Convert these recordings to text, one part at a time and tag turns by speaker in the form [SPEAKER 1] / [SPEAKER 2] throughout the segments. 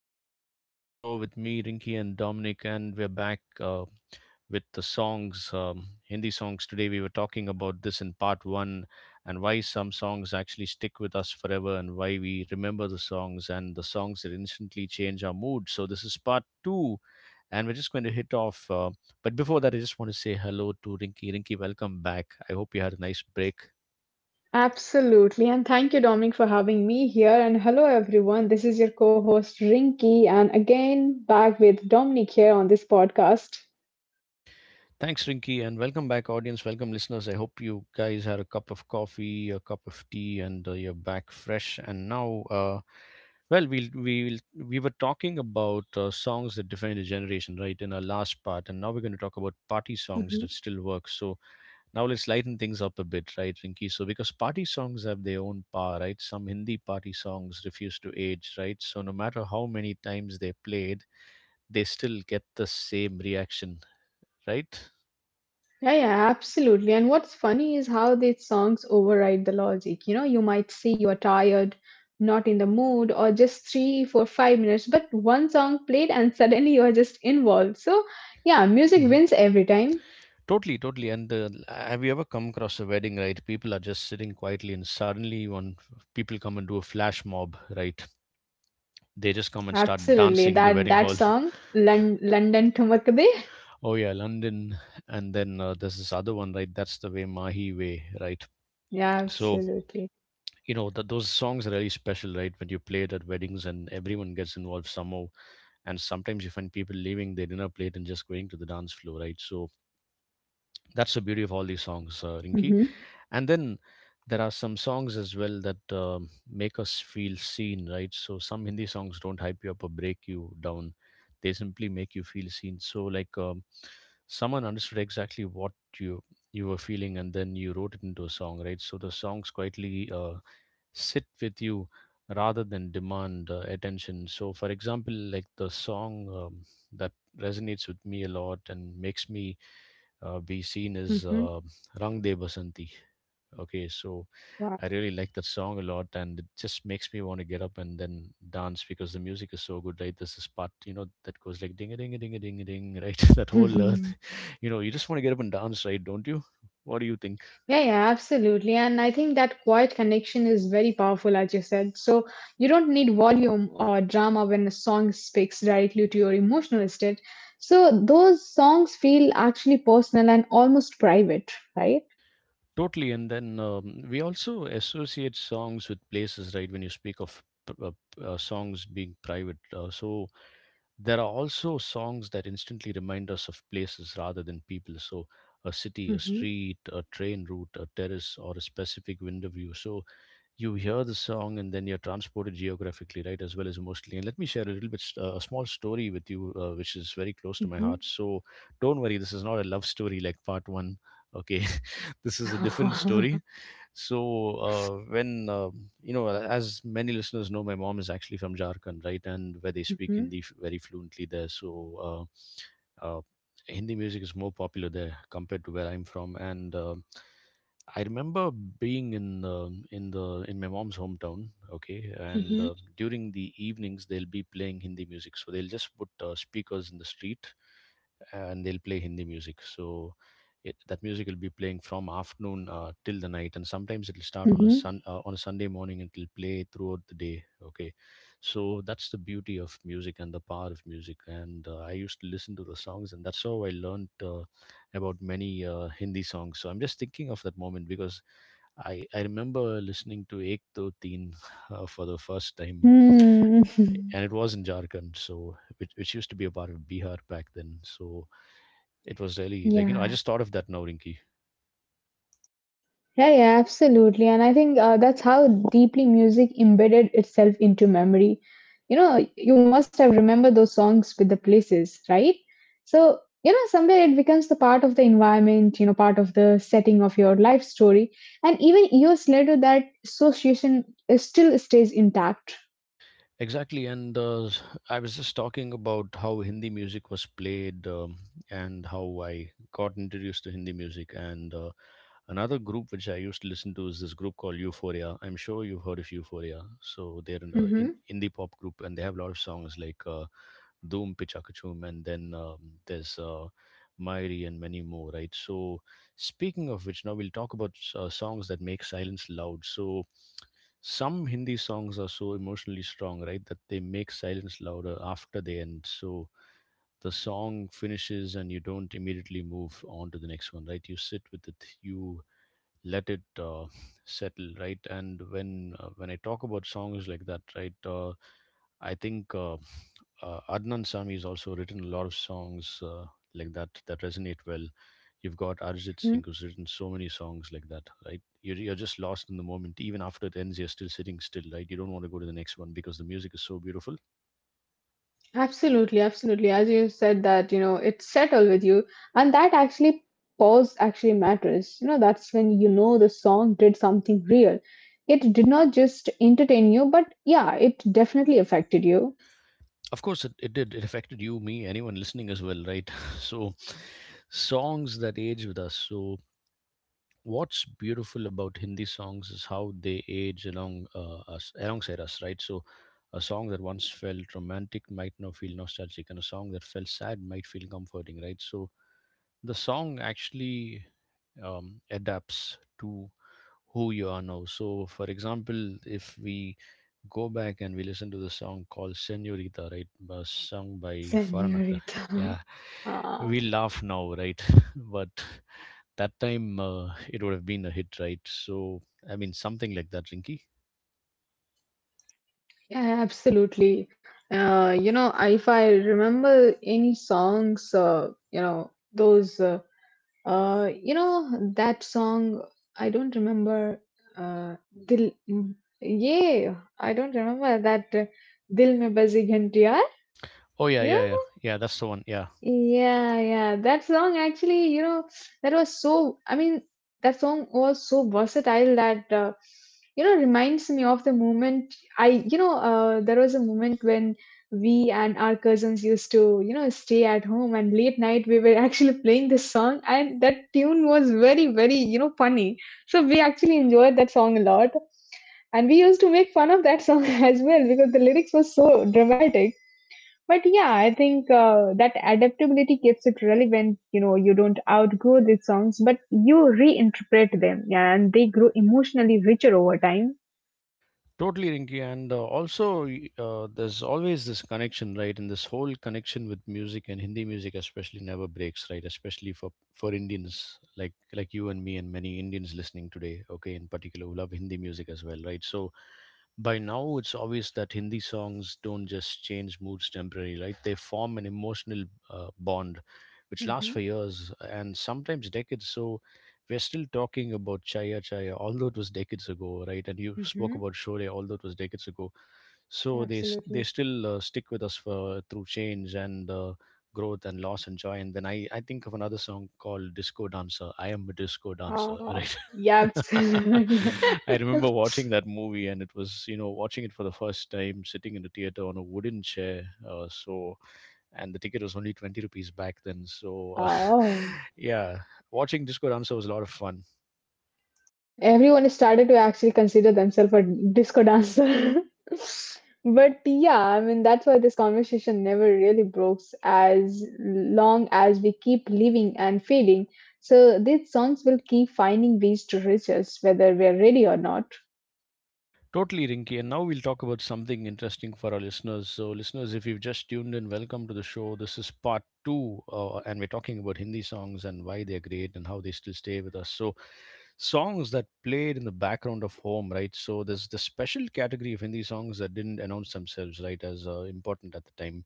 [SPEAKER 1] to the Noon Show with me, Rinky and Dominic. And we're back with the songs, Hindi songs. Today we were talking about this in part one and why some songs actually stick with us forever and why we remember the songs and the songs that instantly change our mood. So this is part two and we're just going to hit off. But before that, I just want to say hello to Rinky. Rinky, welcome back. I hope you had a nice break.
[SPEAKER 2] Absolutely. And thank you, Dominic, for having me here. And hello, everyone. This is your co host, Rinky. And again, back with Dominic here on this podcast.
[SPEAKER 1] Thanks, Rinky, and welcome back, audience. Welcome, listeners. I hope you guys had a cup of coffee, a cup of tea, and you're back fresh. And now, we were talking about songs that define a generation, right, in our last part, and now we're going to talk about party songs that
[SPEAKER 2] Mhm.
[SPEAKER 1] still work. So now let's lighten things up a bit, right, Rinky? So because party songs have their own power, right? Some Hindi party songs refuse to age, right? So no matter how many times they're played, they still get the same reaction, right?
[SPEAKER 2] Yeah, yeah, absolutely. And what's funny is how these songs override the logic. You know, you might say you're tired, not in the mood, or just three, four, 5 minutes, but one song played and suddenly you're just involved. So yeah, music
[SPEAKER 1] Hmm.
[SPEAKER 2] wins every time.
[SPEAKER 1] Totally, totally. Have you ever come across a wedding, right? People are just sitting quietly, and suddenly one people come and do a flash mob, right? They just come and start oh,
[SPEAKER 2] Absolutely.
[SPEAKER 1] dancing in the
[SPEAKER 2] That
[SPEAKER 1] wedding
[SPEAKER 2] that
[SPEAKER 1] hall.
[SPEAKER 2] song, Lon- London to Makde.
[SPEAKER 1] Oh yeah, London, and then there's this other one, right? That's the way Mahi way, right? Right.
[SPEAKER 2] Yeah,
[SPEAKER 1] So
[SPEAKER 2] absolutely.
[SPEAKER 1] you know that those songs are really special, right? When you play it at weddings and everyone gets involved somehow, and sometimes you find people leaving their dinner plate and just going to the dance floor, right? So that's the beauty of all these songs, Rinki.
[SPEAKER 2] Mm-hmm.
[SPEAKER 1] And then there are some songs as well that make us feel seen, right? So some Hindi songs don't hype you up or break you down; they simply make you feel seen. So like someone understood exactly what you you were feeling, and then you wrote it into a song, right? So the songs quietly sit with you rather than demand attention. So, for example, like the song that resonates with me a lot and makes me be seen as
[SPEAKER 2] Mm-hmm.
[SPEAKER 1] Rang De Basanti. Okay, so
[SPEAKER 2] Wow.
[SPEAKER 1] I really like that song a lot, and it just makes me want to get up and then dance because the music is so good, right? There's this part, you know, that goes like ding a ding a ding a ding a ding, right? that whole, you know, you just want to get up and dance, right? Don't you? What do you think?
[SPEAKER 2] Yeah, yeah, absolutely. And I think that quiet connection is very powerful, as you said. So you don't need volume or drama when a song speaks directly to your emotional state. So those songs feel actually personal and almost private, right?
[SPEAKER 1] Totally, and then we also associate songs with places, right? When you speak of songs being private, so there are also songs that instantly remind us of places rather than people. So, a city, a
[SPEAKER 2] Hmm.
[SPEAKER 1] street, a train route, a terrace, or a specific window view. So, you hear the song and then you're transported geographically, right, as well as emotionally. And let me share a little bit a small story with you, which is very close to my
[SPEAKER 2] Hmm.
[SPEAKER 1] heart. So don't worry, this is not a love story like part one. Okay, this is a different
[SPEAKER 2] Mhm,
[SPEAKER 1] story. So when you know, as many listeners know, my mom is actually from Jharkhand, right, and where they speak Hindi very fluently there. So uh, uh, Hindi music is more popular there compared to where I'm from, and I remember being in my mom's hometown, okay, and
[SPEAKER 2] mhm,
[SPEAKER 1] during the evenings they'll be playing Hindi music. So they'll just put speakers in the street and they'll play Hindi music. So that music will be playing from afternoon till the night, and sometimes it'll start on a
[SPEAKER 2] mhm.
[SPEAKER 1] sun on a Sunday morning and it'll play throughout the day. Okay, so that's the beauty of music and the power of music, and I used to listen to the songs, and that's how I learned about many Hindi songs. So I'm just thinking of that moment because I remember listening to Ek Do Teen for the first time,
[SPEAKER 2] Hmm.
[SPEAKER 1] and it was in Jharkhand, so which used to be a part of Bihar back then. So it was really like, you know, I
[SPEAKER 2] Yeah.
[SPEAKER 1] just thought of that now, Rinki.
[SPEAKER 2] Yeah, yeah, absolutely. And I think that's how deeply music embedded itself into memory. You know, you must have remembered those songs with the places, right? So, you know, somewhere it becomes the part of the environment, you know, part of the setting of your life story. And even years later, that association is still stays intact.
[SPEAKER 1] Exactly, and I was just talking about how Hindi music was played, and how I got introduced to Hindi music. And another group which I used to listen to is this group called Euphoria. I'm sure you've heard of Euphoria. So they're an in
[SPEAKER 2] Mm-hmm.
[SPEAKER 1] indie pop group, and they have a lot of songs like "Doom Pichakachum," and then there's "Mairi" and many more, right? So speaking of which, now we'll talk about songs that make silence loud. So some Hindi songs are so emotionally strong, right, that they make silence louder after they end. So the song finishes and you don't immediately move on to the next one, right? You sit with it, you let it settle, right? And when uh, when I talk about songs like that, right, I think Adnan Sami has also written a lot of songs like that, that resonate well. You've got Arjit Singh, who's written so many songs like that, right? You're just lost in the moment. Even after it ends, you're still sitting still, right? You don't want to go to the next one because the music is so beautiful.
[SPEAKER 2] Absolutely, absolutely. As you said that, you know, it's settled with you. And that actually pause actually matters. You know, that's when you know the song did something real. It did not just entertain you, but yeah, it definitely affected you.
[SPEAKER 1] Of course it did, it affected you, me, anyone listening as well, right? So songs that age with us. So what's beautiful about Hindi songs is how they age along us alongside us, right? So a song that once felt romantic might now feel nostalgic, and a song that felt sad might feel comforting, right? So the song actually adapts to who you are now. So, for example, if we go back and we listen to the song called Senorita, right, was sung by Farhan Akhtar.
[SPEAKER 2] Senorita.
[SPEAKER 1] Yeah, we
[SPEAKER 2] Ah,
[SPEAKER 1] laugh now, right? But that time it would have been a hit, right? So, I mean, something like that, Rinky.
[SPEAKER 2] yeah, absolutely. You know, if I remember any songs, you know, you know, that song, I don't remember. Uh, Dil, yeah, I don't remember that. Dil mein bazi ghantiya.
[SPEAKER 1] Oh, yeah,
[SPEAKER 2] You
[SPEAKER 1] yeah, yeah. Yeah, that's the one. Yeah.
[SPEAKER 2] yeah, yeah. That song actually, you know, that was so, I mean, that song was so versatile that, you know, reminds me of the moment you know, there was a moment when we and our cousins used to, you know, stay at home and late night we were actually playing this song and that tune was very, very, you know, funny. So we actually enjoyed that song a lot. And we used to make fun of that song as well because the lyrics were so dramatic. But yeah, I think that adaptability keeps it relevant. You know, you don't outgrow these songs, but you reinterpret them, yeah, and they grow emotionally richer over time.
[SPEAKER 1] Totally, Rinky, and there's always this connection, right? And this whole connection with music and Hindi music, especially, never breaks, right? Especially for Indians like you and me and many Indians listening today, okay, in particular, who love Hindi music as well, right? So by now it's obvious that Hindi songs don't just change moods temporarily, right? They form an emotional bond which lasts
[SPEAKER 2] Mm-hmm,
[SPEAKER 1] for years and sometimes decades. So we're still talking about Chaya Chaya, although it was decades ago, right? And you spoke
[SPEAKER 2] mm-hmm,
[SPEAKER 1] about Shore, although it was decades ago. So they
[SPEAKER 2] absolutely.
[SPEAKER 1] still stick with us for, through change and growth and loss and joy. And then I think of another song called Disco Dancer. I am a disco dancer,
[SPEAKER 2] Uh,
[SPEAKER 1] right?
[SPEAKER 2] yeah, absolutely.
[SPEAKER 1] I remember watching that movie, and it was, you know, watching it for the first time, sitting in the theater on a wooden chair. Uh, so, and the ticket was only 20 rupees back then, so
[SPEAKER 2] Oh,
[SPEAKER 1] yeah, watching Discord Answer was a lot of fun.
[SPEAKER 2] everyone started to actually consider themselves a disco dancer. But yeah, I mean, that's why this conversation never really breaks as long as we keep living and feeling. So these songs will keep finding ways to reach us, whether we're ready or not.
[SPEAKER 1] Totally, Rinky. And now we'll talk about something interesting for our listeners. So, listeners, if you've just tuned in, welcome to the show. This is part two, and we're talking about Hindi songs and why they're great and how they still stay with us. So, songs that played in the background of home, right? So, there's the special category of Hindi songs that didn't announce themselves, right, as important at the time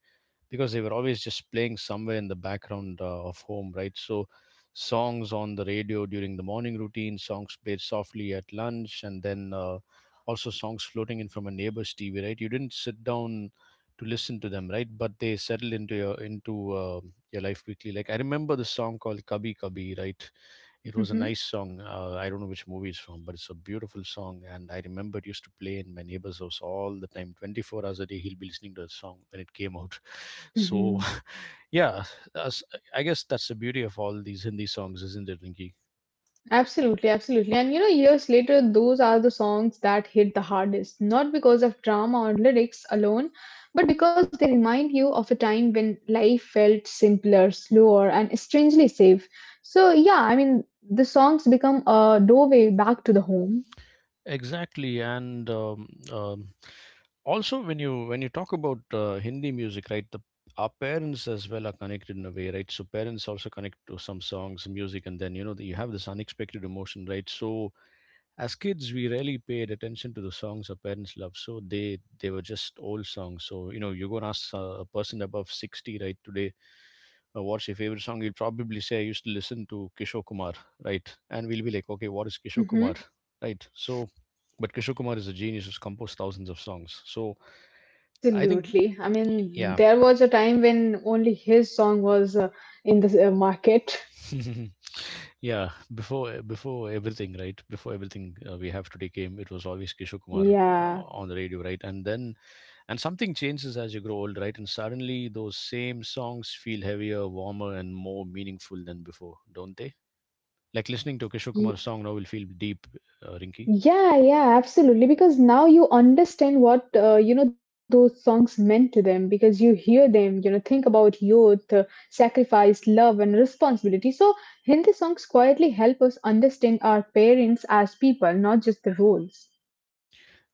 [SPEAKER 1] because they were always just playing somewhere in the background of home, right? So songs on the radio during the morning routine, songs played softly at lunch, and then also songs floating in from a neighbor's TV, right? You didn't sit down to listen to them, right? But they settled into your life quickly. Like I remember the song called "Kabhi Kabhi," right? It was a nice
[SPEAKER 2] Hmm.
[SPEAKER 1] song. I don't know which movie it's from, but it's a beautiful song. And I remember it used to play in my neighbor's house all the time, 24 hours a day. He'll be listening to the song when it came out. So,
[SPEAKER 2] Hmm.
[SPEAKER 1] yeah, as- I guess that's the beauty of all these Hindi songs, isn't it, Rinki?
[SPEAKER 2] Absolutely, absolutely. And you know, years later, those are the songs that hit the hardest, not because of drama or lyrics alone, but because they remind you of a time when life felt simpler, slower, and strangely safe. So, yeah, I mean, the songs become a doorway back to the home.
[SPEAKER 1] Exactly. And also, when you talk about Hindi music, right, the our parents as well are connected in a way, right? So parents also connect to some songs, music, and then you know you have this unexpected emotion, right? So as kids, we rarely paid attention to the songs our parents loved, so they were just old songs. So you know, you go and ask a person above 60 right today, what's your favorite song? He'll probably say, I used to listen to Kishore Kumar, right? And we'll be like, okay, what is Kishore Kumar,
[SPEAKER 2] Hmm.
[SPEAKER 1] right? So, but Kishore Kumar is a genius who's composed thousands of songs. So I think,
[SPEAKER 2] Absolutely. I mean,
[SPEAKER 1] yeah.
[SPEAKER 2] there was a time when only his song was in the market.
[SPEAKER 1] Yeah, before everything, right? Before everything we have today came, it was always Kishore Kumar
[SPEAKER 2] Yeah.
[SPEAKER 1] on the radio, right? And then and something changes as you grow old, right? And suddenly those same songs feel heavier, warmer, and more meaningful than before, don't they? Like listening to Kishore Kumar's song now will feel deep, Rinky.
[SPEAKER 2] Yeah, yeah, absolutely. Because now you understand what you know those songs meant to them. Because you hear them, you know, think about youth, sacrifice, love, and responsibility. So Hindi songs quietly help us understand our parents as people, not just the roles.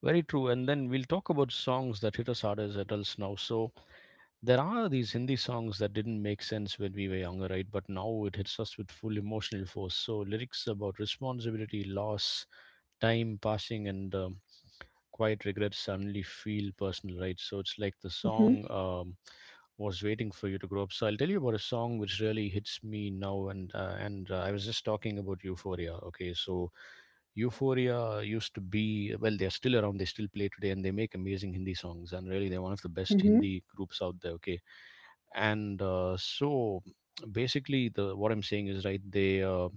[SPEAKER 1] Very true. And then we'll talk about songs that hit us hard as adults now. So there are these Hindi songs that didn't make sense when we were younger, right? But now it hits us with full emotional force. So lyrics about responsibility, loss, time passing and quiet regrets suddenly feel personal, right? So it's like the song
[SPEAKER 2] Mhm,
[SPEAKER 1] was waiting for you to grow up. So I'll tell you about a song which really hits me now, and I was just talking about Euphoria. Okay, so Euphoria used to be well, they're still around, they still play today, and they make amazing Hindi songs, and really they're one of the best
[SPEAKER 2] mhm,
[SPEAKER 1] Hindi groups out there. Okay, and so basically the what I'm saying is right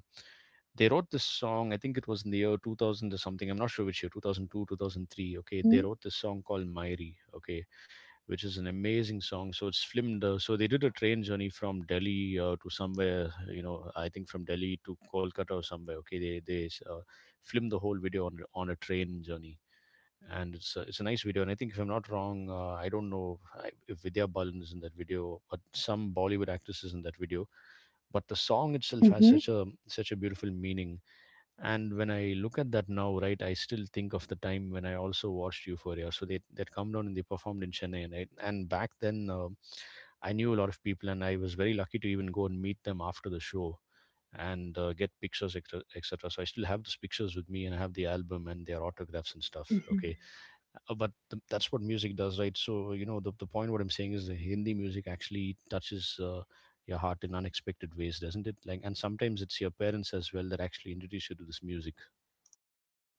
[SPEAKER 1] they wrote this song, I think it was in the year 2000 or something, I'm not sure which year, 2002, 2003. Okay, they
[SPEAKER 2] mhm,
[SPEAKER 1] wrote this song called Mairi, okay, which is an amazing song. So it's filmed, so they did a train journey from Delhi, to somewhere, you know, I think from Delhi to Kolkata or somewhere. Okay, they filmed the whole video on a train journey, and it's a nice video. And I think if I'm not wrong, I don't know if Vidya Balan is in that video, but some Bollywood actress is in that video. But the song itself has such
[SPEAKER 2] mhm,
[SPEAKER 1] a such a beautiful meaning, and when I look at that now, right, I still think of the time when I also watched Euphoria. So they that come down and they performed in Chennai, right? And back then, I knew a lot of people and I was very lucky to even go and meet them after the show, and get pictures, etc., etc. So I still have those pictures with me, and I have the album and their autographs and stuff.
[SPEAKER 2] mhm.
[SPEAKER 1] Okay, but th- that's what music does, right? So you know the point what I'm saying is the Hindi music actually touches your heart in unexpected ways, doesn't it? Like, and sometimes it's your parents as well that actually introduce you to this music.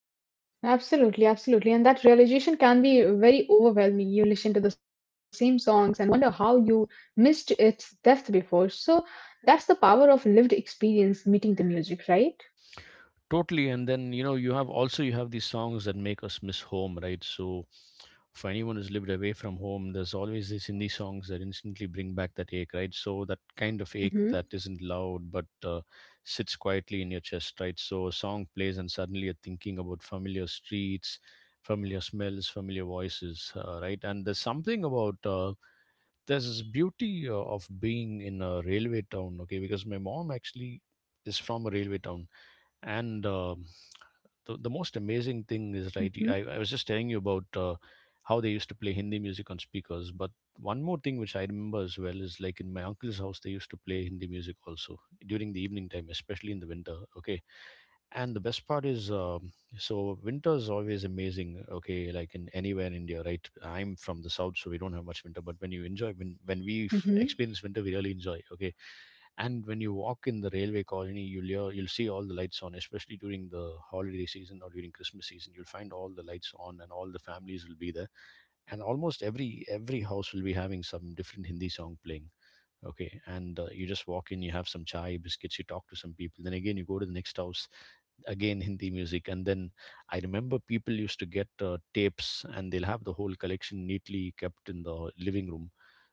[SPEAKER 2] Absolutely, absolutely. And that realization can be very overwhelming. You listen to the same songs and wonder how you missed its depth before. So that's the power of lived experience meeting the music, right?
[SPEAKER 1] Totally, and then you know you have also you have these songs that make us miss home, right? So, for anyone who's lived away from home, there's always this in these indie songs that instantly bring back that ache, right? So that kind of ache
[SPEAKER 2] Mm-hmm,
[SPEAKER 1] that isn't loud but sits quietly in your chest, right? So a song plays and suddenly you're thinking about familiar streets, familiar smells, familiar voices, right? And there's something about there's this beauty of being in a railway town. Okay, because my mom actually is from a railway town, and the most amazing thing is, right,
[SPEAKER 2] mm-hmm,
[SPEAKER 1] I was just telling you about how they used to play Hindi music on speakers, but one more thing which I remember as well is like in my uncle's house they used to play Hindi music also during the evening time, especially in the winter. Okay, and the best part is, so winter is always amazing, okay, like in anywhere in India, right? I'm from the south, so we don't have much winter, but when you enjoy,
[SPEAKER 2] mm-hmm,
[SPEAKER 1] experience winter we really enjoy. Okay, and when you walk in the railway colony you'll hear, you'll see all the lights on, especially during the holiday season or during Christmas season, you'll find all the lights on and all the families will be there, and almost every house will be having some different Hindi song playing. Okay, and you just walk in, you have some chai biscuits, you talk to some people, then again you go to the next house. Again Hindi music, and then I remember people used to get tapes, and they'll have the whole collection neatly kept in the living room.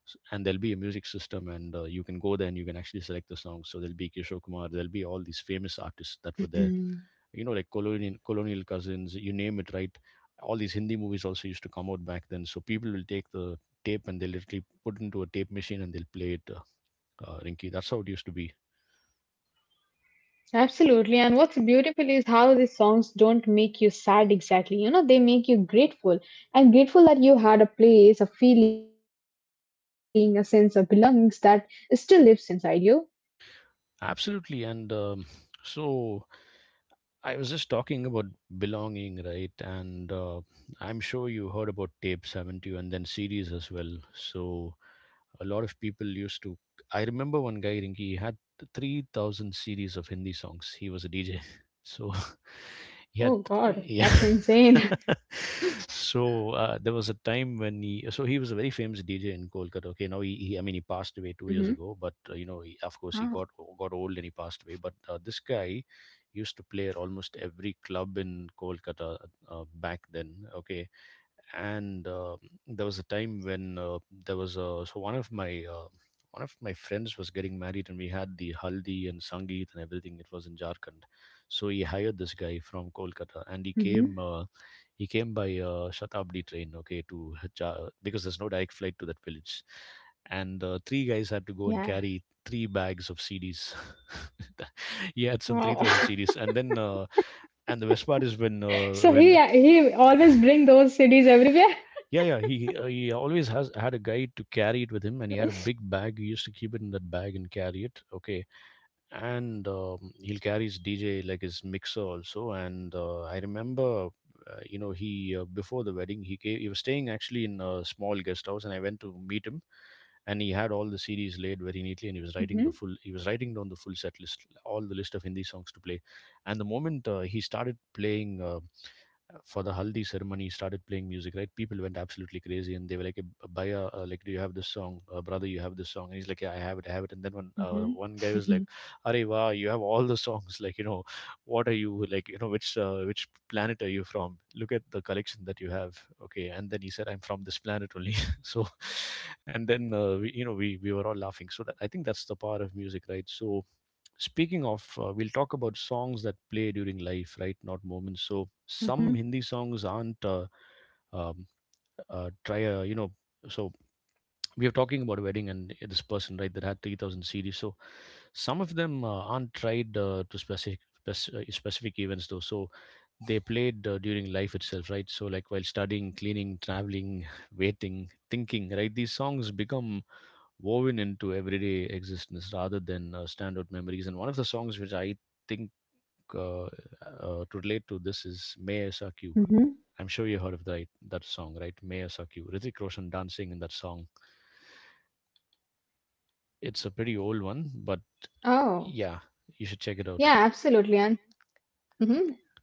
[SPEAKER 1] And there'll be a music system, and you can go there and you can actually select the songs. So there'll be Kishore Kumar, there'll be all these famous artists that were there,
[SPEAKER 2] mm-hmm.
[SPEAKER 1] you know, like colonial cousins, you name it, right? All these Hindi movies also used to come out back then, so people will take the tape and they literally put into a tape machine and they'll play it, Rinky. That's how it used to be.
[SPEAKER 2] Absolutely. And what's beautiful is how these songs don't make you sad exactly. You know, they make you grateful and grateful that you had a place, a feeling, a sense of belongings that still lives inside you.
[SPEAKER 1] Absolutely. And so I was just talking about belonging, right? And I'm sure you heard about tapes, haven't you? And then CDs as well. So a lot of people used to. I remember one guy, Rinki, he had 3,000 CDs of Hindi songs. He was a DJ. So he
[SPEAKER 2] Oh
[SPEAKER 1] had,
[SPEAKER 2] God,
[SPEAKER 1] yeah.
[SPEAKER 2] that's insane.
[SPEAKER 1] So there was a time when he, so he was a very famous DJ in Kolkata. Okay, now he I mean, he passed away 2 years ago, but you know, he, of course, he got old and he passed away. But this guy used to play at almost every club in Kolkata back then. Okay, and there was a time when there was a so one of my friends was getting married and we had the haldi and sangeet and everything. It was in Jharkhand, so he hired this guy from Kolkata, and
[SPEAKER 2] Mm-hmm.
[SPEAKER 1] he came by Shatabdi train. Okay, to because there's no direct flight to that village, and three guys
[SPEAKER 2] Yeah.
[SPEAKER 1] had to go and carry three bags of CDs. He had
[SPEAKER 2] Oh.
[SPEAKER 1] some 3,000 CDs, and then and the best part is when
[SPEAKER 2] So he he always bring those CDs everywhere.
[SPEAKER 1] yeah, yeah, he always has had a guy to carry it with him, and he had a big bag, he used to keep it in that bag and carry it. Okay, and he'll carry his DJ, like his mixer also. And you know, he before the wedding he gave, he was staying actually in a small guest house, and I went to meet him, and he had all the CDs laid very neatly, and he was
[SPEAKER 2] Mm-hmm.
[SPEAKER 1] writing the full he was writing down the full set list, all the list of Hindi songs to play, and the moment he started playing, for the haldi ceremony, he started playing music, right? People went absolutely crazy and they were like, baya, like, do you have this song, brother, you have this song? And he's like, yeah, I have it, I have it. And then
[SPEAKER 2] Mm-hmm.
[SPEAKER 1] one guy was like, Arey, wow, you have all the songs. Like, you know, what are you like, you know, which planet are you from? Look at the collection that you have. Okay, and then he said, I'm from this planet only. So, and then we, you know we were all laughing. So that, I think that's the power of music, right? So speaking of, we'll talk about songs that play during life, right? Not moments. So some Hindi songs
[SPEAKER 2] Mm-hmm.
[SPEAKER 1] aren't um, try you know. So we are talking about a wedding and this person, right, that had 3,000 CDs. So some of them aren't tried to specific events though. So they played during life itself, right? So like while studying, cleaning, traveling, waiting, thinking, right? These songs become woven into everyday existence rather than standout memories. And one of the songs which I think to relate to this is May I Suck You. I'm sure you heard of
[SPEAKER 2] Mm-hmm.
[SPEAKER 1] that song, right? May I Suck You. Hrithik Roshan dancing in that song. It's a
[SPEAKER 2] Oh.
[SPEAKER 1] pretty old one, but
[SPEAKER 2] Yeah,
[SPEAKER 1] yeah,
[SPEAKER 2] absolutely. And
[SPEAKER 1] you should check it out.
[SPEAKER 2] mm-hmm. And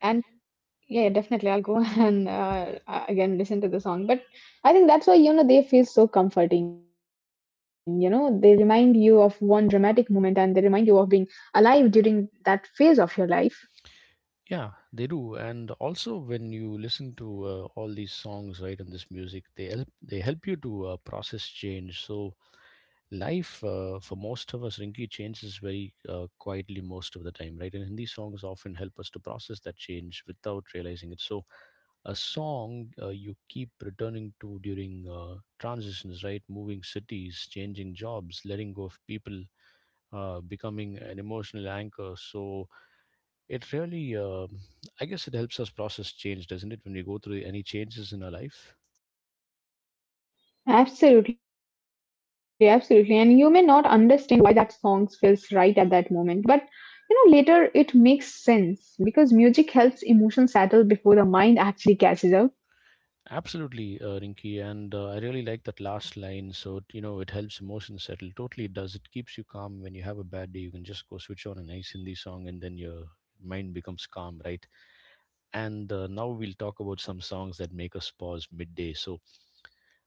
[SPEAKER 2] yeah, yeah, definitely I'll go and again listen to the song. But I think that's why you know they feel so comforting, you know. They remind you of one dramatic moment and they remind you of being alive during that phase of your life.
[SPEAKER 1] Yeah, they do, and also when you listen to all these songs, right, and this music, they help you to process change. So life for most of us Rinky changes very quietly most of the time, right, and Hindi songs often help us to process that change without realizing it. So a song you keep returning to during transitions, right, moving cities, changing jobs, letting go of people, becoming an emotional anchor. So it really I guess it helps us process change, doesn't it, when we go through any changes in our life.
[SPEAKER 2] Absolutely, absolutely. And you may not understand why that song feels right at that moment, but you know, later it makes sense because music helps emotion settle before the mind actually catches up.
[SPEAKER 1] Absolutely, Rinky, and I really like that last line. So it it helps emotions settle. Totally, it does. It keeps you calm when you have a bad day. You can just go switch on a nice Hindi song, and then your mind becomes calm, right? And now we'll talk about some songs that make us pause midday. So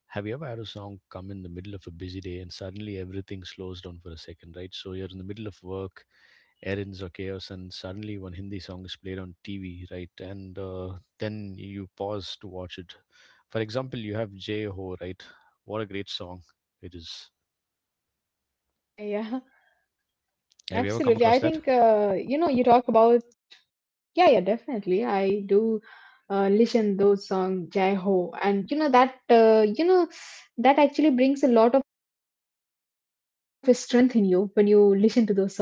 [SPEAKER 1] have you ever had a song come in the middle of a busy day and suddenly everything slows down for a second, right? So you're in the middle of work, errands or chaos, and suddenly one Hindi song is played on TV, right? And then you pause to watch it. For example, you have Jay Ho, right? What a great song it is.
[SPEAKER 2] Jai ho, yeah, yeah, yeah.
[SPEAKER 1] Have you ever
[SPEAKER 2] Absolutely.
[SPEAKER 1] come
[SPEAKER 2] I
[SPEAKER 1] across that?
[SPEAKER 2] think you know, you talk about yeah, yeah, definitely. I do listen those song Jai Ho, and you know that actually brings a lot of strength in you when you listen to those songs.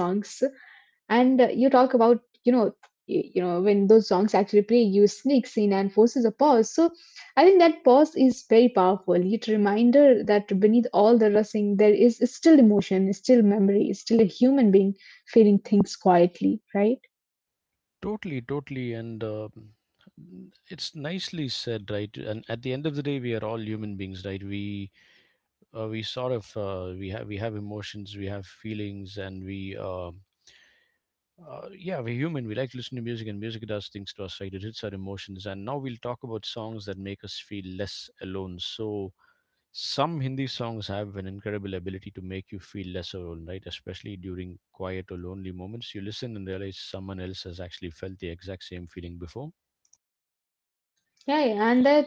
[SPEAKER 2] And you talk about you know you know when those songs actually play you sneaks in and forces a pause. So I think that pause is very powerful. It reminder that beneath all the rushing there is still emotion, still memory, still a human being feeling things quietly, right?
[SPEAKER 1] Totally, totally, and it's nicely said, right? And at the end of the day, we are all human beings, right? We sort of we have emotions, we have feelings, and we yeah, we're human, we like to listen to music, and music does things to us, right? It hits our emotions. And now we'll talk about songs that make us feel less alone. So some Hindi songs have an incredible ability
[SPEAKER 2] Mhm.
[SPEAKER 1] to make you feel less alone, right, especially during quiet or lonely moments. You listen and realize someone else has actually felt the exact same feeling before.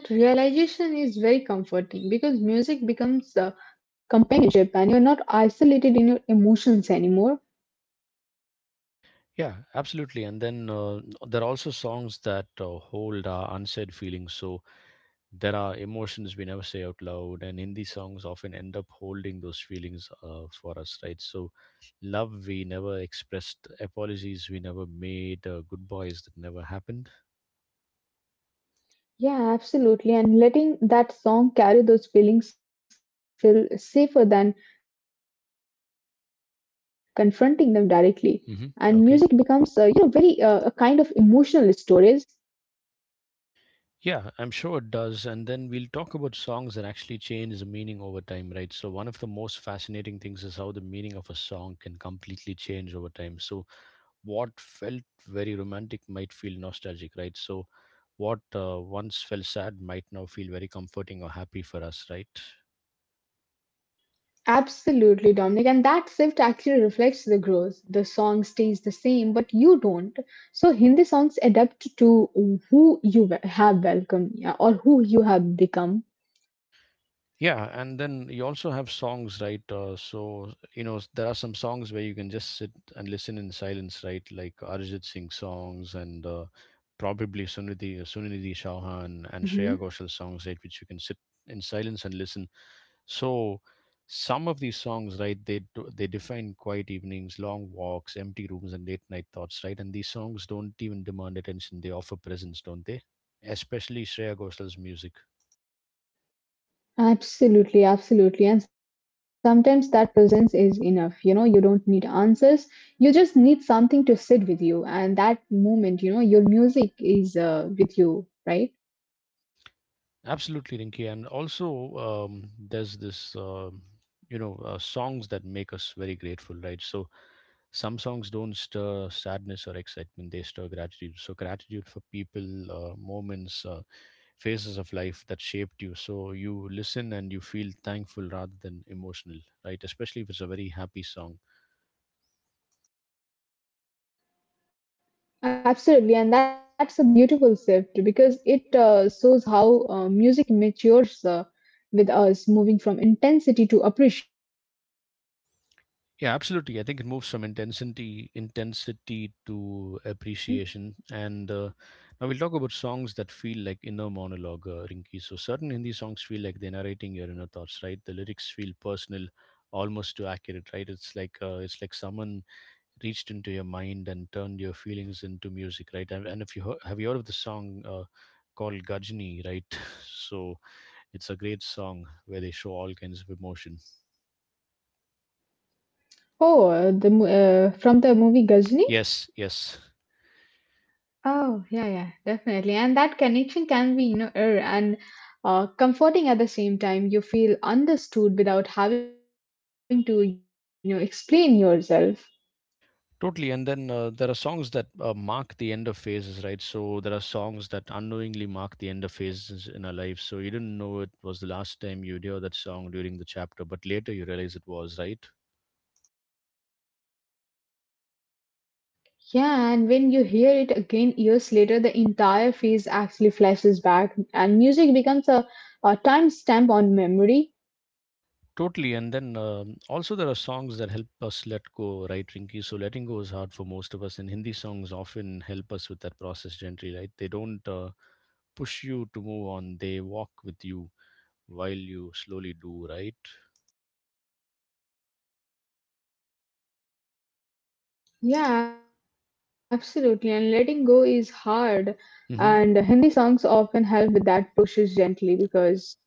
[SPEAKER 2] Yeah, yeah, and that realization is very comforting because music becomes a companionship and you're not isolated in your emotions anymore.
[SPEAKER 1] Yeah, absolutely. And then there are also songs that hold our unsaid feelings. So there are emotions we never say out loud, and Hindi songs often end up holding those feelings for us, right? So love we never expressed, apologies we never made, goodbyes that never happened.
[SPEAKER 2] Yeah, absolutely. And letting that song carry those feelings feel safer than confronting them directly. And music becomes, you know, very
[SPEAKER 1] Hmm.
[SPEAKER 2] a kind
[SPEAKER 1] Okay.
[SPEAKER 2] of emotional stories.
[SPEAKER 1] Yeah, I'm sure it does. And then we'll talk about songs that actually change the meaning over time, right? So one of the most fascinating things is how the meaning of a song can completely change over time. So what felt very romantic might feel nostalgic, right? So what once felt sad might now feel very comforting or happy for us, right?
[SPEAKER 2] Absolutely, Dominic. And that shift actually reflects the growth. The song stays the same, but you don't. So Hindi songs adapt to who you have welcomed, yeah, or who you have become.
[SPEAKER 1] Yeah, and then you also have songs, right? So you know there are some songs where you can just sit and listen in silence, right? Like Arijit Singh songs, and probably Sunidhi Chauhan and Shreya
[SPEAKER 2] Hmm.
[SPEAKER 1] Ghoshal songs, right? Which you can sit in silence and listen. So some of these songs, right, they define quiet evenings, long walks, empty rooms, and late night thoughts, right? And these songs don't even demand attention; they offer presence, don't they? Especially Shreya Goshal's music.
[SPEAKER 2] Absolutely, absolutely. And sometimes that presence is enough. You know, you don't need answers. You just need something.
[SPEAKER 1] Absolutely, Rinki. And also, there's this, you know, songs that make us very grateful, right? So some songs don't stir sadness or excitement; they stir gratitude. So gratitude for people, moments, phases of life that shaped you. So you listen and you feel thankful rather than emotional, right? Especially if it's a very happy song.
[SPEAKER 2] Absolutely, and that's a beautiful shift because it shows how music matures with us, moving from intensity to appreciation.
[SPEAKER 1] Yeah, absolutely. I think it moves from intensity to appreciation. And now we'll talk about songs
[SPEAKER 2] Hmm.
[SPEAKER 1] that feel like inner monologue, Rinki. So certain Hindi songs feel like they're narrating your inner thoughts, right? The lyrics feel personal, almost too accurate, right? It's like someone reached into your mind and turned your feelings into music, right? And if you heard, have you heard of the song called Gajni, right? So it's a great song where they show all kinds of emotion.
[SPEAKER 2] Oh, from the movie Ghazni.
[SPEAKER 1] Yes, yes,
[SPEAKER 2] Oh, yeah, yeah, definitely. And that connection can be, you know, and comforting at the same time. You feel understood without having to, you know, explain yourself.
[SPEAKER 1] totally. And then there are songs that mark the end of phases, right? So there are songs that unknowingly mark the end of phases in our lives. So you didn't know it was the last time you'd hear that song during the chapter, but later you realize it was, right?
[SPEAKER 2] Yeah, and when you hear it again years later, the entire phase actually flashes back, and music becomes a timestamp on
[SPEAKER 1] Totally. And
[SPEAKER 2] memory.
[SPEAKER 1] then also there are songs that help us let go, right, Rinky? So letting go is hard for most of us, and Hindi songs often help us with that process gently, right? They don't push you to move on; they walk with you while you slowly do, right?
[SPEAKER 2] Yeah, absolutely. And letting go is hard,
[SPEAKER 1] Hmm.
[SPEAKER 2] and Hindi songs often help with that process gently because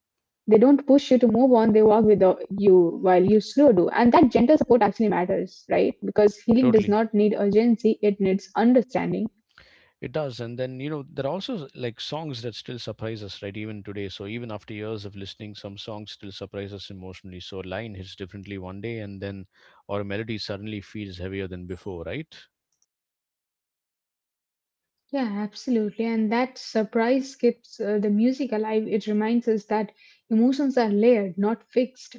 [SPEAKER 2] they don't push you to move on, they walk with you while you slow do. And that gentle support actually matters, right? Because healing does
[SPEAKER 1] Totally.
[SPEAKER 2] not need urgency, it needs understanding.
[SPEAKER 1] It does. And then, you know, there are also like songs that still surprise us, right? Even today. So even after years of listening, some songs still surprise us emotionally. So a line hits differently one day and then, or a melody suddenly feels heavier than before, right?
[SPEAKER 2] Yeah, absolutely. And that surprise keeps the music alive. It reminds us that emotions are layered, not fixed.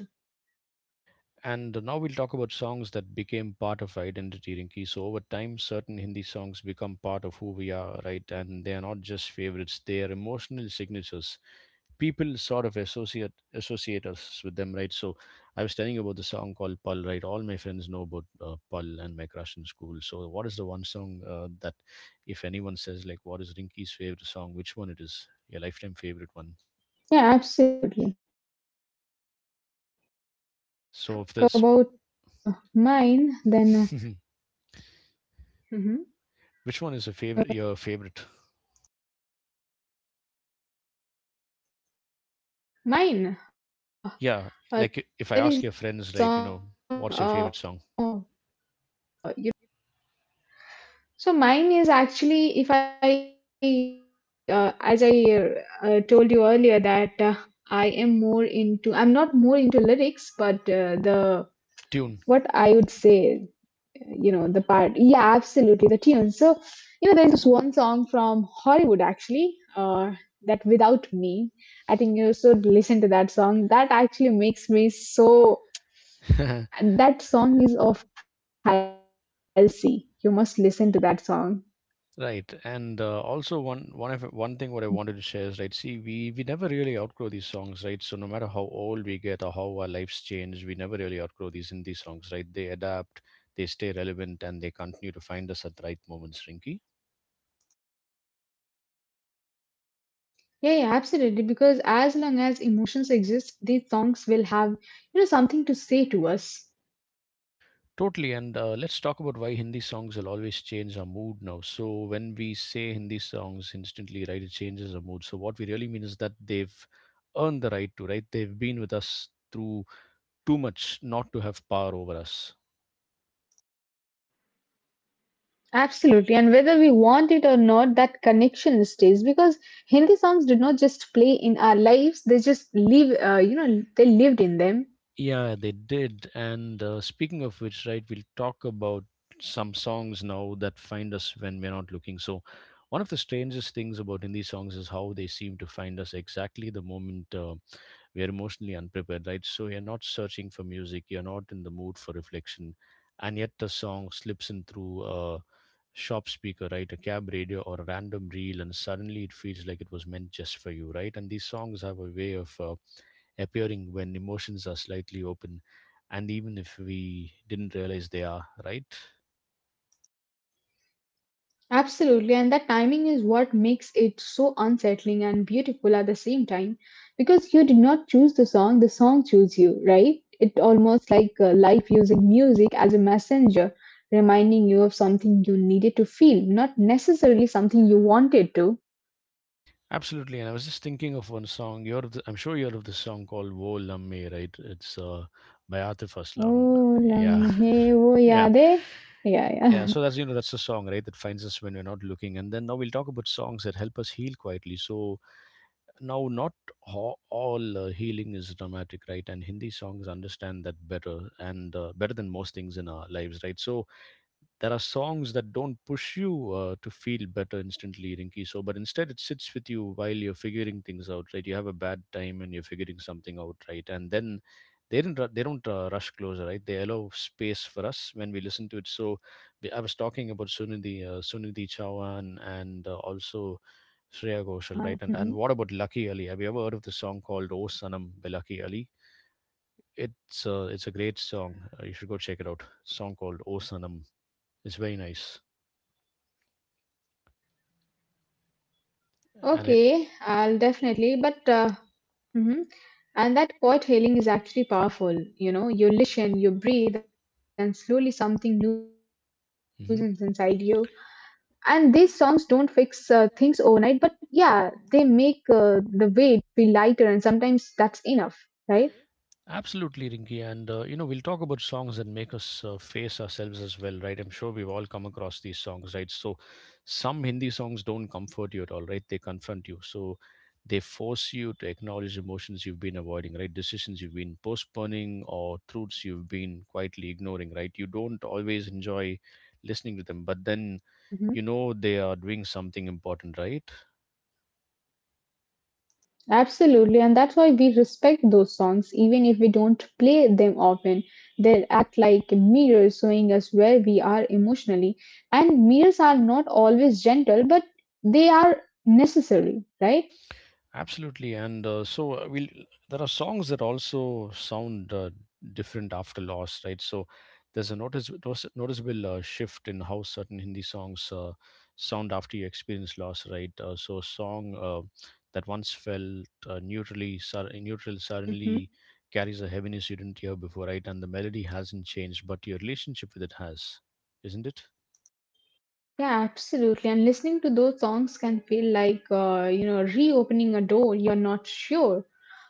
[SPEAKER 1] And now we'll talk about songs that became part of our identity, Rinki. So over time, certain Hindi songs become part of who we are, right? And they are not just favorites; they are emotional signatures. People sort of associate us with them, right? So I was telling you about the song called "Pal," right? All my friends know about "Pal" and my crush in school. So what is the one song that, if anyone
[SPEAKER 2] Hmm.
[SPEAKER 1] says like, "What is Rinki's favorite song?" Which one
[SPEAKER 2] Yeah,
[SPEAKER 1] it is? Your lifetime
[SPEAKER 2] absolutely.
[SPEAKER 1] favorite one.
[SPEAKER 2] Huh. Oh, if I
[SPEAKER 1] So if
[SPEAKER 2] talk
[SPEAKER 1] this,
[SPEAKER 2] about mine, then
[SPEAKER 1] then
[SPEAKER 2] uh, mhm.
[SPEAKER 1] which one is a favorite? Your favorite?
[SPEAKER 2] mine.
[SPEAKER 1] Yeah,
[SPEAKER 2] There is this
[SPEAKER 1] like if I
[SPEAKER 2] song,
[SPEAKER 1] ask your
[SPEAKER 2] you
[SPEAKER 1] friends, right,
[SPEAKER 2] know,
[SPEAKER 1] you know, what's your favorite song?
[SPEAKER 2] so mine is actually if as I told you earlier, that I am more into, I'm not more into lyrics, but the what I would
[SPEAKER 1] Tune.
[SPEAKER 2] say, you know, the part, yeah, absolutely, the tune. So you know, there's this one song from Hollywood actually, that "Without Me." I think you should listen to that song. That actually makes me so. That song is of Halsey. You must listen to that song.
[SPEAKER 1] Right, and also one thing what I wanted to share is, right, see, we never really outgrow these songs, right? So no matter how old we get or how our lives change, we never really outgrow these indie songs, right? They adapt, they stay relevant, and they continue to find us at the right moments, Rinky.
[SPEAKER 2] Yeah, yeah, absolutely. Because as long as emotions exist, these songs will have you know something to say to us.
[SPEAKER 1] Totally, and let's talk about why Hindi songs will always change our mood now. So when we say Hindi songs instantly, right, it changes our mood. So what we really mean is that they've earned the right to, right? They've been with us through too much not to have power over us.
[SPEAKER 2] Absolutely. And whether we want it or not, that connection stays because Hindi songs did not just play in our lives, they just live you know, they lived in them.
[SPEAKER 1] Yeah, they did. And speaking of which, right, we'll talk about some songs now that find us when we're not looking. So one of the strangest things about Hindi songs is how they seem to find us exactly the moment. We are emotionally unprepared, right? So you're not searching for music, you're not in the mood for reflection, and yet the song slips in through a shop speaker, right? A cab radio or a random reel, and suddenly it feels like it was meant just for you, right? And these songs have a way of appearing when emotions are slightly open, and even if we didn't realize they are, right?
[SPEAKER 2] Absolutely, and that timing is what makes it so unsettling and beautiful at the same time because you did not choose the song chose you, right? It almost like life using music as a messenger, reminding you of something you needed to feel, not necessarily something you wanted to.
[SPEAKER 1] Absolutely, and I was just thinking of one song. You're of the, I'm sure you're of this song called "Wo Lamme," right? It's by Atif Aslam.
[SPEAKER 2] Oh,
[SPEAKER 1] Yeah,
[SPEAKER 2] lamhe wo
[SPEAKER 1] yeah,
[SPEAKER 2] yaade. Yeah, yeah.
[SPEAKER 1] yeah. So that's, you know, that's the song, right, that finds us when we're not looking. And then now we'll talk about songs that help us heal quietly. So now not ho- all healing is dramatic, right? And Hindi songs understand that better and better than most things in our lives, right? So there are songs that don't push you to feel better instantly, Rinky, so but instead it sits with you while you're figuring things out, right? You have a bad time and you're figuring something out, right? And then they didn't ru- they don't rush closer, right? They allow space for us when we listen to it. So I was talking about Sunidhi Chauhan and also
[SPEAKER 2] Uh-huh.
[SPEAKER 1] Shreya
[SPEAKER 2] Mhm.
[SPEAKER 1] Ghoshal, right? And what about Lucky Ali? Have you ever heard of the song called O Sanam by Lucky Ali? It's it's a great song. You should go check it out. Song called O Sanam, it's very nice. And it.
[SPEAKER 2] Okay, I'll definitely. But mhm. And that quiet hailing is actually powerful. You know, you listen, you breathe, and slowly something loosens inside you.
[SPEAKER 1] Mhm.
[SPEAKER 2] And these songs don't fix things overnight, but yeah, they make the weight feel lighter, and sometimes that's enough, right?
[SPEAKER 1] Absolutely, Rinki. And you know, we'll talk about songs that make us face ourselves as well, right? I'm sure we've all come across these songs, right? So some Hindi songs don't comfort you at all, right? They confront you. So they force you to acknowledge emotions you've been avoiding, right, decisions you've been postponing, or truths you've been quietly ignoring, right? You don't always enjoy listening to them, but then
[SPEAKER 2] Hmm.
[SPEAKER 1] you know they are doing something important, right?
[SPEAKER 2] Absolutely. And that's why we respect those songs, even if we don't play them often. They act like mirrors showing us where we are emotionally. And mirrors are not always gentle, but they are necessary, right?
[SPEAKER 1] Absolutely, and there are songs that also sound different after loss, right? So there's a noticeable shift in how certain Hindi songs sound after you experience loss, right? So a song that once felt neutral suddenly
[SPEAKER 2] Hmm.
[SPEAKER 1] carries a heaviness you didn't hear before, right? And the melody hasn't changed, but your relationship with it has, isn't it?
[SPEAKER 2] Yeah, absolutely. And listening to those songs can feel like, you know, reopening a door you're not sure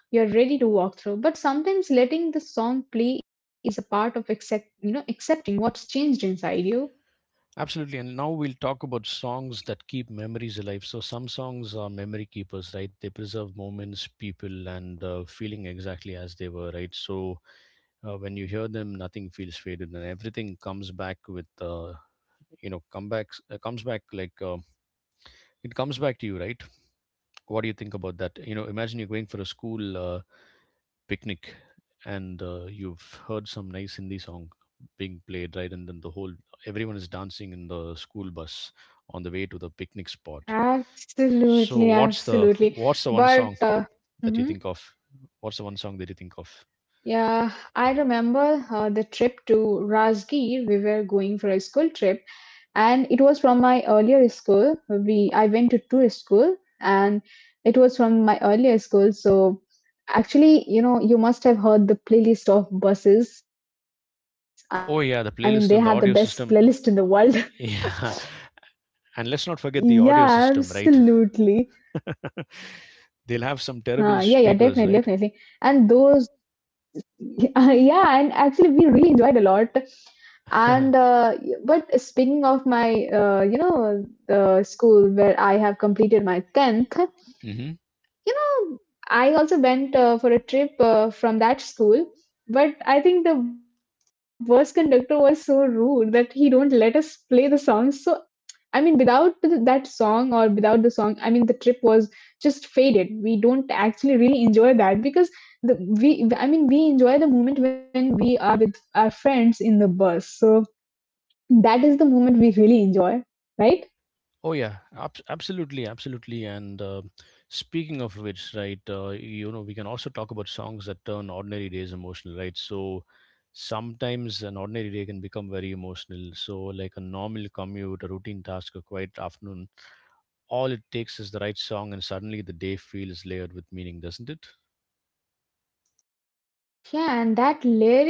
[SPEAKER 2] you're ready to walk through. But sometimes letting the song play is a part of you know, accepting what's changed inside you.
[SPEAKER 1] Absolutely. And now we'll talk about songs that keep memories alive. So some songs are memory keepers, right? They preserve moments, people, and feeling exactly as they were, right? So when you hear them, nothing feels faded, and everything comes back with, you know, comebacks. Comes back like it comes back to you, right? What do you think about that? You know, imagine you're going for a school. Picnic, and you've heard some nice Hindi song being played, right? And then the whole everyone is dancing in the school bus on the way to the picnic spot. So
[SPEAKER 2] Absolutely,
[SPEAKER 1] what's the
[SPEAKER 2] absolutely.
[SPEAKER 1] what's the one
[SPEAKER 2] But
[SPEAKER 1] song that
[SPEAKER 2] mhm.
[SPEAKER 1] you think of? What's the one song that you think of?
[SPEAKER 2] Yeah, I remember the trip to Rajgir. We were going for a school trip, and it was from my earlier school. We I went to tourist school, and it was from my earlier school. So actually, you know, you must have heard the playlist of buses. I mean, they had the best
[SPEAKER 1] Oh
[SPEAKER 2] playlist in
[SPEAKER 1] yeah,
[SPEAKER 2] the
[SPEAKER 1] the
[SPEAKER 2] world.
[SPEAKER 1] playlist and the audio system. Yeah,
[SPEAKER 2] Yeah,
[SPEAKER 1] and let's not forget the audio
[SPEAKER 2] absolutely.
[SPEAKER 1] system, right?
[SPEAKER 2] Yeah, yeah,
[SPEAKER 1] They'll have some
[SPEAKER 2] definitely,
[SPEAKER 1] terrible
[SPEAKER 2] definitely.
[SPEAKER 1] speakers,
[SPEAKER 2] And
[SPEAKER 1] right?
[SPEAKER 2] those, yeah, and actually, we really enjoyed a lot. And but speaking of my, you know, the school where I have completed my 10th. You
[SPEAKER 1] Hmm.
[SPEAKER 2] know, I also went for a trip from that school, but I think the bus conductor was so rude that he don't let us play the song. So I mean, without that song or without the song, I mean, the trip was just faded. We don't actually really enjoy that because the we I mean we enjoy the moment when we are with our friends in the bus. So that is the moment we really enjoy,
[SPEAKER 1] Oh
[SPEAKER 2] right?
[SPEAKER 1] yeah, absolutely, absolutely. And speaking of which, right, you know, we can also talk about songs that turn ordinary days emotional, right? So sometimes an ordinary day can become very emotional. So like a normal commute, a routine task, a quiet afternoon, all it takes is the right song, and suddenly the day feels layered with meaning, doesn't it?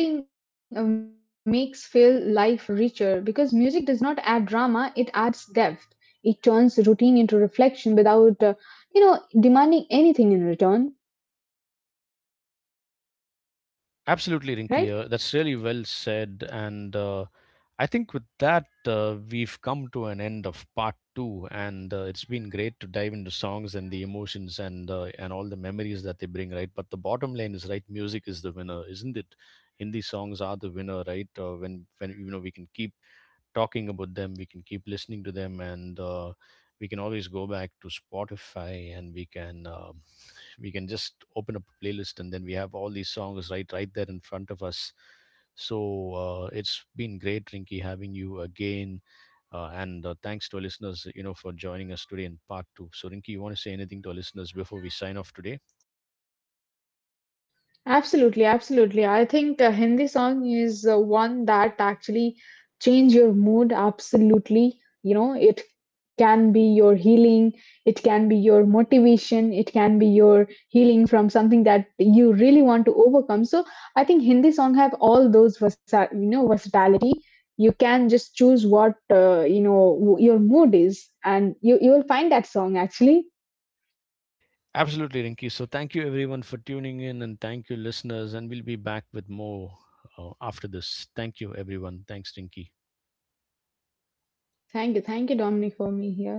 [SPEAKER 2] Yeah, and that layering makes feel life richer because music does not add drama, it adds depth. It turns routine into reflection without, you know, demanding anything in return,
[SPEAKER 1] Absolutely, Rinky.
[SPEAKER 2] right?
[SPEAKER 1] That's really well said. And I think with that, we've come to an end of part two. And it's been great to dive into songs and the emotions and all the memories that they bring, right? But the bottom line is, right, music is the winner, isn't it? Hindi songs are the winner, right? When you know we can keep talking about them, we can keep listening to them, and we can always go back to Spotify and we can. We can just open up a playlist and then we have all these songs right there in front of us. So it's been great, Rinky, having you again. And thanks to our listeners, you know, for joining us today in part two. So Rinky, you want to say anything to our listeners before we sign off today?
[SPEAKER 2] Absolutely, absolutely. I think Hindi song is one that actually change your mood absolutely, you know it can be your healing, it can be your motivation, it can be your healing from something that you really want to overcome. So I think Hindi song have all those you know versatility. You can just choose what you know your mood is and you will find that song actually
[SPEAKER 1] Absolutely, Rinky. So thank you everyone for tuning in, and thank you listeners, and we'll be back with more after this. Thank you everyone, thanks Rinky.
[SPEAKER 2] thank you Dominic for me here.